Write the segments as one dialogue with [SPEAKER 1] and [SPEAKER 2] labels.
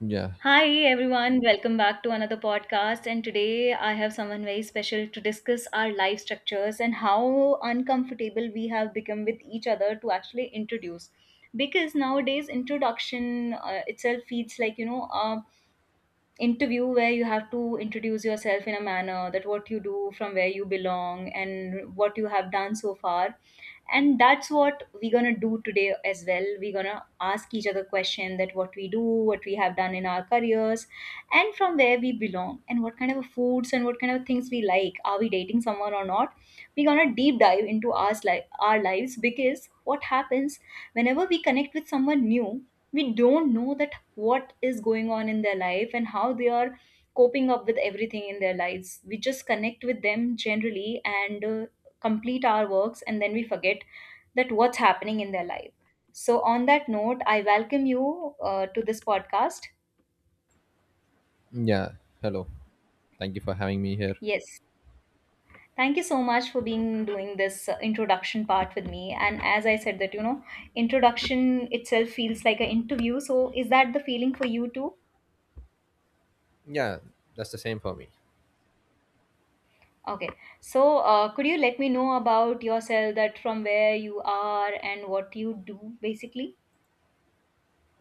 [SPEAKER 1] Yeah,
[SPEAKER 2] Hi everyone, welcome back to another podcast. And today I have someone very special to discuss our life structures and how uncomfortable we have become with each other to actually introduce. Because nowadays, introduction itself feels like a interview where you have to introduce yourself in a manner that what you do, from where you belong, and what you have done so far. And that's what we're gonna do today as well. We're gonna ask each other question that what we do, what we have done in our careers, and from where we belong, and what kind of foods and what kind of things we like, are we dating someone or not. We're gonna deep dive into our life, our lives, because what happens whenever we connect with someone new, we don't know that what is going on in their life and how they are coping up with everything in their lives. We just connect with them generally, and complete our works and then we forget that what's happening in their life. So on that note, I welcome you to this podcast.
[SPEAKER 1] yeah. Hello. Thank you for having me here.
[SPEAKER 2] Yes, thank you so much for being doing this introduction part with me. And as I said, that, introduction itself feels like an interview. So is that the feeling for you too?
[SPEAKER 1] Yeah, that's the same for me.
[SPEAKER 2] Okay. So could you let me know about yourself, that from where you are and what you do basically?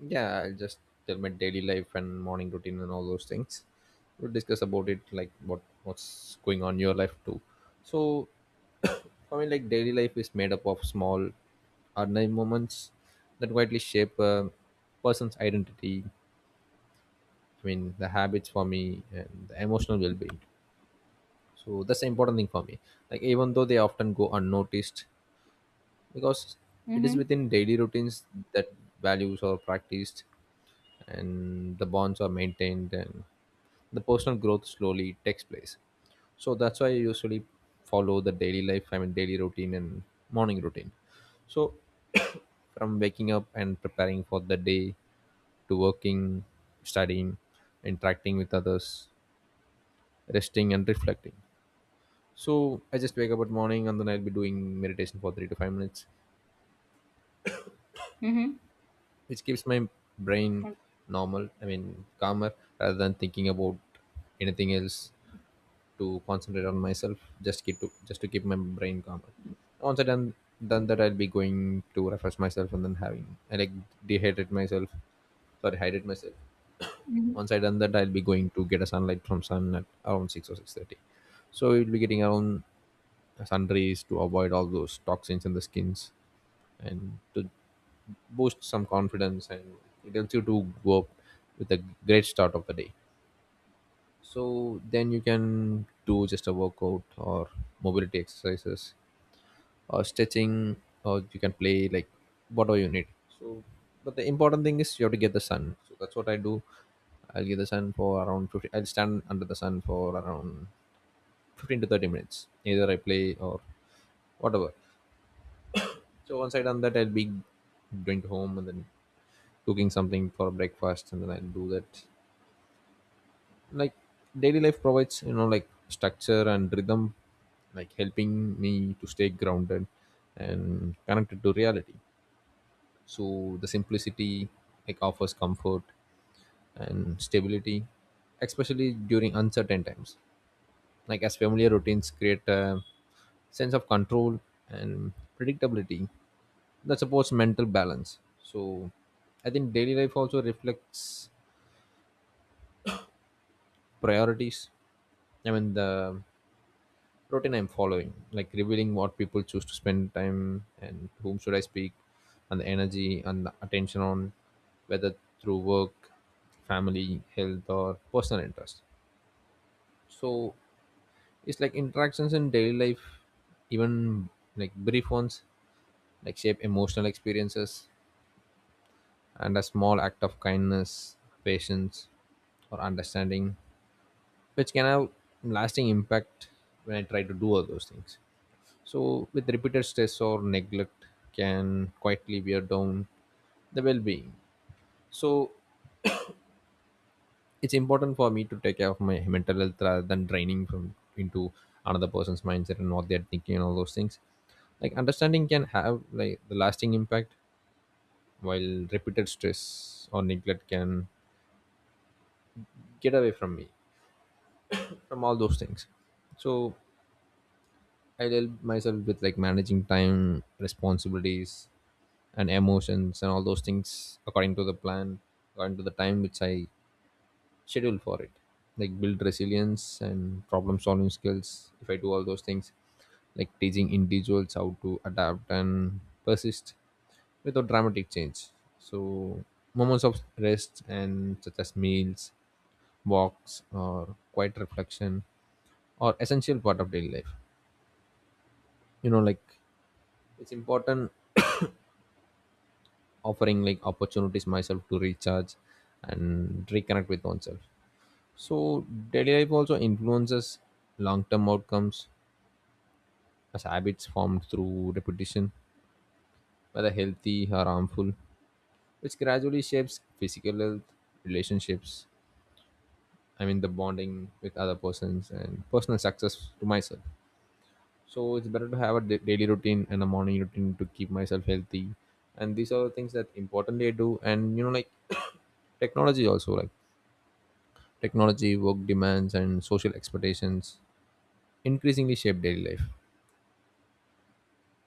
[SPEAKER 1] Yeah, I'll just tell my daily life and morning routine and all those things. We'll discuss about it, like what's going on in your life too. So, for me, like daily life is made up of small, ordinary moments that widely shape a person's identity. I mean, the habits for me and the emotional well-being. So that's the important thing for me. Like even though they often go unnoticed, because it is
[SPEAKER 2] Mm-hmm.
[SPEAKER 1] within daily routines that values are practiced and the bonds are maintained and the personal growth slowly takes place. So that's why I usually follow the daily life, I mean daily routine and morning routine. So from waking up and preparing for the day, to working, studying, interacting with others, resting and reflecting. So I just wake up at morning and then I'll be doing meditation for 3 to 5 minutes,
[SPEAKER 2] Mm-hmm.
[SPEAKER 1] which keeps my brain normal, I mean calmer, rather than thinking about anything else, to concentrate on myself, just keep to just to keep my brain calmer. Once I done that, I'll be going to refresh myself and then having, I like dehydrate myself, sorry, hydrate myself. Once I done that, I'll be going to get a sunlight from sun at around 6 or 6:30, so we'll be getting around sunrays to avoid all those toxins in the skins, and to boosts some confidence, and it helps you to go up with a great start of the day. So then you can do just a workout or mobility exercises or stretching, or you can play like whatever you need. So but the important thing is you have to get the sun, so that's what I do. I'll get the sun for around 15. I'll stand under the sun for around 15 to 30 minutes, either I play or whatever. So once I done that, I'll be going home and then cooking something for breakfast, and then I'll do that. Like daily life provides, you know, like structure and rhythm, like helping me to stay grounded and connected to reality. So the simplicity like offers comfort and stability, especially during uncertain times, like as familiar routines create a sense of control and predictability that supports mental balance. So I think daily life also reflects priorities, I mean the routine I'm following, like revealing what people choose to spend time and whom should I speak, and the energy and the attention on, whether through work, family, health, or personal interest. So it's like interactions in daily life, even like brief ones, like shape emotional experiences, and a small act of kindness, patience, or understanding, which can have lasting impact when I try to do all those things. So, with repeated stress or neglect, can quietly wear down the well being. So, it's important for me to take care of my mental health rather than draining from into another person's mindset and what they're thinking and all those things. Like, understanding can have like the lasting impact, while repeated stress or neglect can get away from me from all those things. So, I help myself with like managing time, responsibilities, and emotions and all those things according to the plan, according to the time which I schedule for it. Like build resilience and problem solving skills if I do all those things, like teaching individuals how to adapt and persist without dramatic change. So, moments of rest and such as meals, walks, or quiet reflection are essential part of daily life. You know, like it's important, offering like opportunities myself to recharge and reconnect with oneself. So daily life also influences long-term outcomes as habits formed through repetition, whether healthy or harmful, which gradually shapes physical health, relationships, I mean the bonding with other persons, and personal success to myself. So it's better to have a daily routine and a morning routine to keep myself healthy, and these are the things that importantly I do. And you know like technology also like technology, work demands, and social expectations increasingly shape daily life.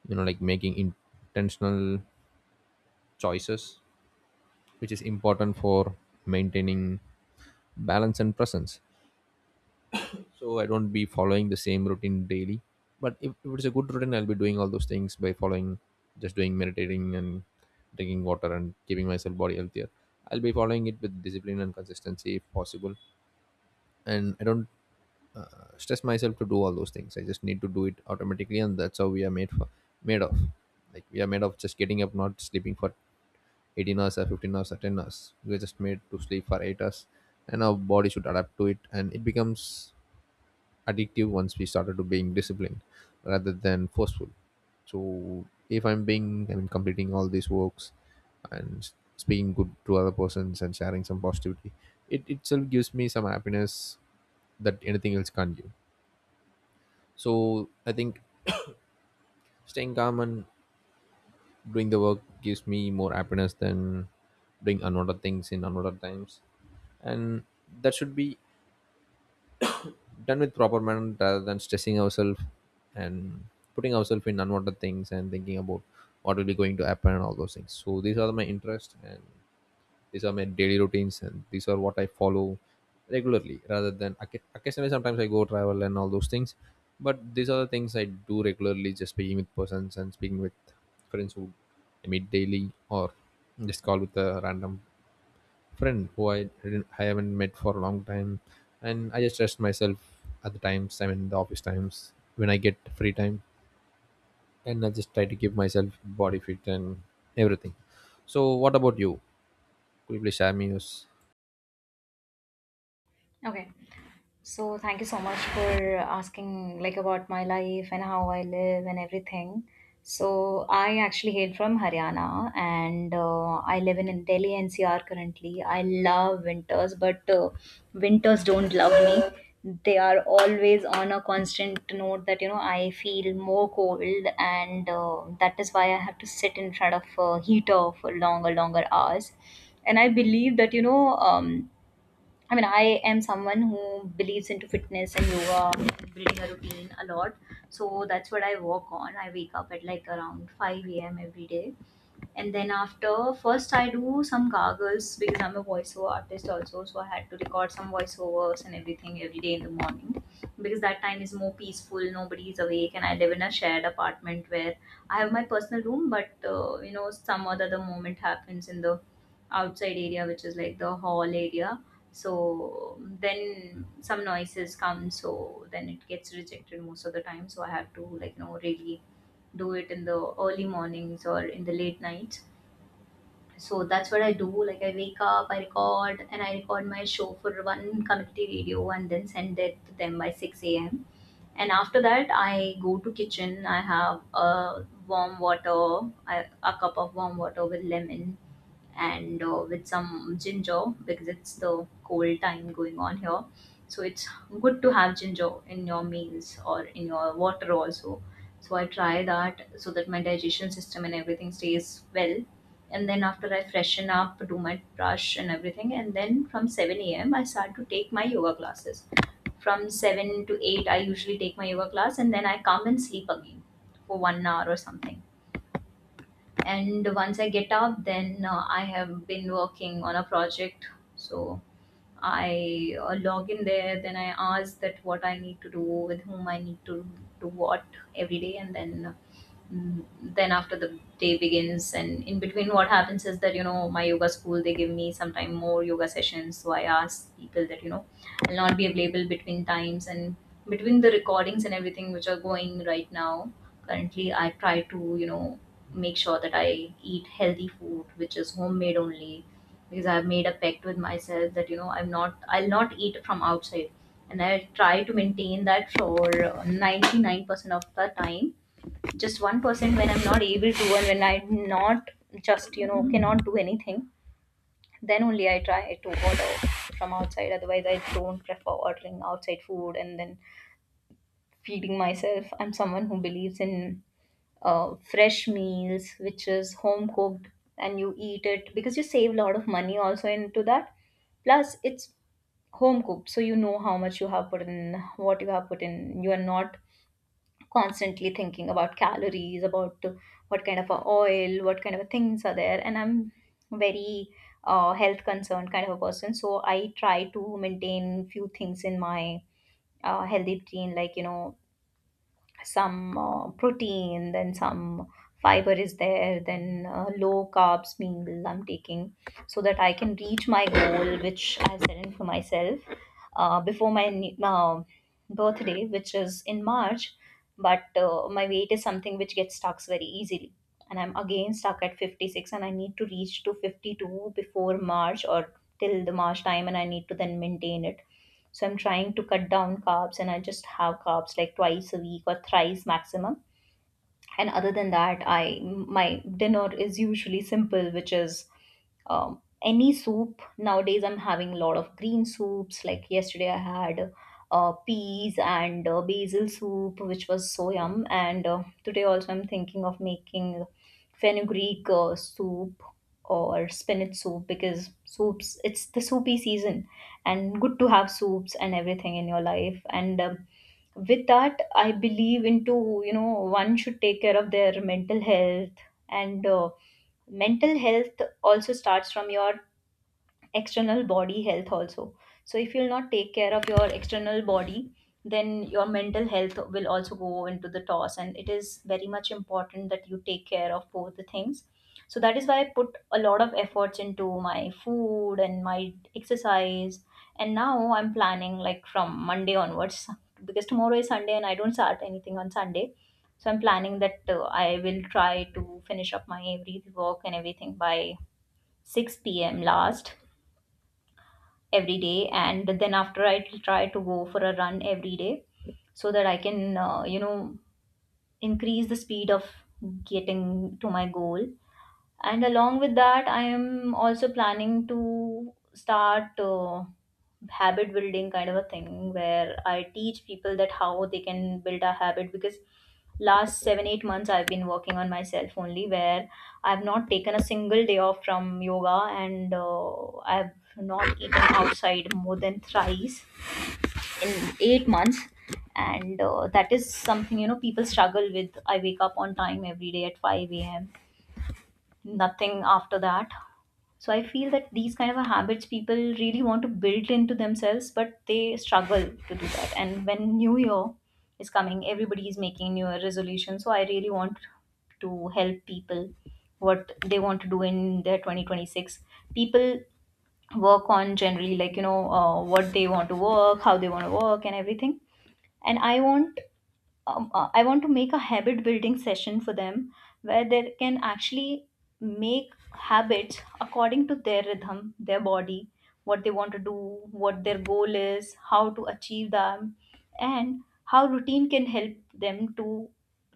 [SPEAKER 1] You know, like making intentional choices, which is important for maintaining balance and presence. So I don't be following the same routine daily. But if it's a good routine, I'll be doing all those things by following, just doing meditating and drinking water and keeping myself body healthier. I'll be following it with discipline and consistency if possible. And I don't stress myself to do all those things. I just need to do it automatically, and that's how we are made for made of. Like we are made of just getting up, not sleeping for 18 hours or 15 hours or 10 hours. We're just made to sleep for 8 hours, and our body should adapt to it, and it becomes addictive once we started to being disciplined rather than forceful. So if I'm being, I mean, completing all these works and speaking good to other persons and sharing some positivity, it itself gives me some happiness that anything else can't give. So I think staying calm and doing the work gives me more happiness than doing another things in another times. And that should be done with proper manner rather than stressing ourselves and putting ourselves in unwanted things and thinking about what will be going to happen and all those things. So these are my interests and these are my daily routines and these are what I follow regularly rather than occasionally. Sometimes I go travel and all those things, but these are the things I do regularly, just speaking with persons and speaking with friends who I meet daily, or just call with a random friend who I haven't met for a long time. And I just rest myself at the times, I mean the office times, when I get free time, and I just try to keep myself body fit and everything. So what about you? Could you please share me yours?
[SPEAKER 2] Okay. So thank you so much for asking, like, about my life and how I live and everything. So I actually hail from Haryana, and I live in Delhi NCR currently. I love winters, but winters don't love me. They are always on a constant note that I feel more cold, and that is why I have to sit in front of a heater for longer, longer hours. And I believe that. I mean, I am someone who believes into fitness and yoga, building a routine a lot. So that's what I work on. I wake up at like around 5 a.m. every day, and then after, first I do some gargles because I'm a voiceover artist also, so I had to record some voiceovers and everything every day in the morning, because that time is more peaceful, nobody is awake, and I live in a shared apartment where I have my personal room. But some other the moment happens in the outside area, which is like the hall area. So then some noises come, so then it gets rejected most of the time. So I have to, like, really do it in the early mornings or in the late nights. So that's what I do. Like, I wake up, I record, and I record my show for one community radio, and then send it to them by 6 a.m. And after that, I go to kitchen. I have a warm water, a cup of warm water with lemon, and with some ginger, because it's the cold time going on here. So it's good to have ginger in your meals or in your water also. So I try that, so that my digestion system and everything stays well. And then after I freshen up, do my brush and everything, and then from 7 a.m. I start to take my yoga classes. From 7 to 8, I usually take my yoga class, and then I come and sleep again for one hour or something. And once I get up, then I have been working on a project. So I log in there, then I ask that what I need to do, with whom I need to do what, every day. And then mm, after the day begins. And in between, what happens is that my yoga school, they give me sometime more yoga sessions. So I ask people that I'll not be available between times and between the recordings and everything which are going right now currently. I try to, make sure that I eat healthy food, which is homemade only, because I've made a pact with myself that I'll not eat from outside, and I try to maintain that for 99% of the time. Just 1%, when I'm not able to, and when I'm not, just, cannot do anything, then only I try to order from outside. Otherwise, I don't prefer ordering outside food and then feeding myself. I'm someone who believes in fresh meals, which is home cooked, and you eat it because you save a lot of money also into that. Plus, it's home cooked, so you know how much you have put in, what you have put in. You are not constantly thinking about calories, about what kind of a oil, what kind of a things are there. And I'm very health concerned kind of a person, so I try to maintain few things in my healthy routine, like, some protein, then some fiber is there, then low carbs meal I'm taking, so that I can reach my goal, which I've set in for myself before my birthday, which is in March. But my weight is something which gets stuck very easily. And I'm again stuck at 56, and I need to reach to 52 before March or till the March time, and I need to then maintain it. So I'm trying to cut down carbs, and I just have carbs like twice a week or thrice maximum. And other than that, I my dinner is usually simple, which is um, any soup. Nowadays I'm having a lot of green soups. Like, yesterday I had peas and basil soup, which was so yum. And today also I'm thinking of making fenugreek soup or spinach soup, because soups, it's the soupy season, and good to have soups and everything in your life. And with that, I believe into, one should take care of their mental health. And mental health also starts from your external body health also. So if you'll not take care of your external body, then your mental health will also go into the toss. And it is very much important that you take care of both the things. So that is why I put a lot of efforts into my food and my exercise. And now I'm planning, like, from Monday onwards, because tomorrow is Sunday and I don't start anything on Sunday. So I'm planning that I will try to finish up my every work and everything by 6 p.m last, every day, and then after, I try to go for a run every day, so that I can increase the speed of getting to my goal. And along with that, I am also planning to start habit building kind of a thing, where I teach people that how they can build a habit. Because last 7-8 months I've been working on myself only, where I've not taken a single day off from yoga, and I've not eaten outside more than thrice in 8 months. And that is something, people struggle with. I wake up on time every day at 5 a.m, nothing after that. So I feel that these kind of a habits people really want to build into themselves, but they struggle to do that. And when New Year is coming, everybody is making New Year resolutions. So I really want to help people what they want to do in their 2026. People work on generally, like, what they want to work, how they want to work, and everything. And I want to make a habit building session for them, where they can actually make habits according to their rhythm, their body, what they want to do, what their goal is, how to achieve them, and how routine can help them to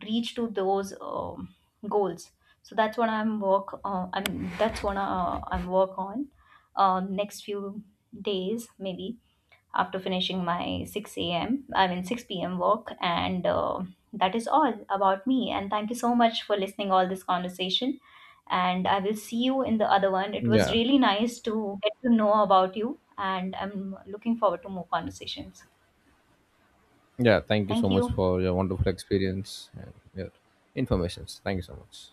[SPEAKER 2] reach to those goals. So that's what I'm work on next few days maybe, after finishing my 6 a.m. I mean 6 p.m. work, and that is all about me. And thank you so much for listening all this conversation. And I will see you in the other one. It was
[SPEAKER 1] Yeah.
[SPEAKER 2] really nice to get to know about you, and I'm looking forward to more conversations.
[SPEAKER 1] Yeah, thank you so
[SPEAKER 2] Thank
[SPEAKER 1] much
[SPEAKER 2] you.
[SPEAKER 1] for your wonderful experience and your informations. Thank you so much.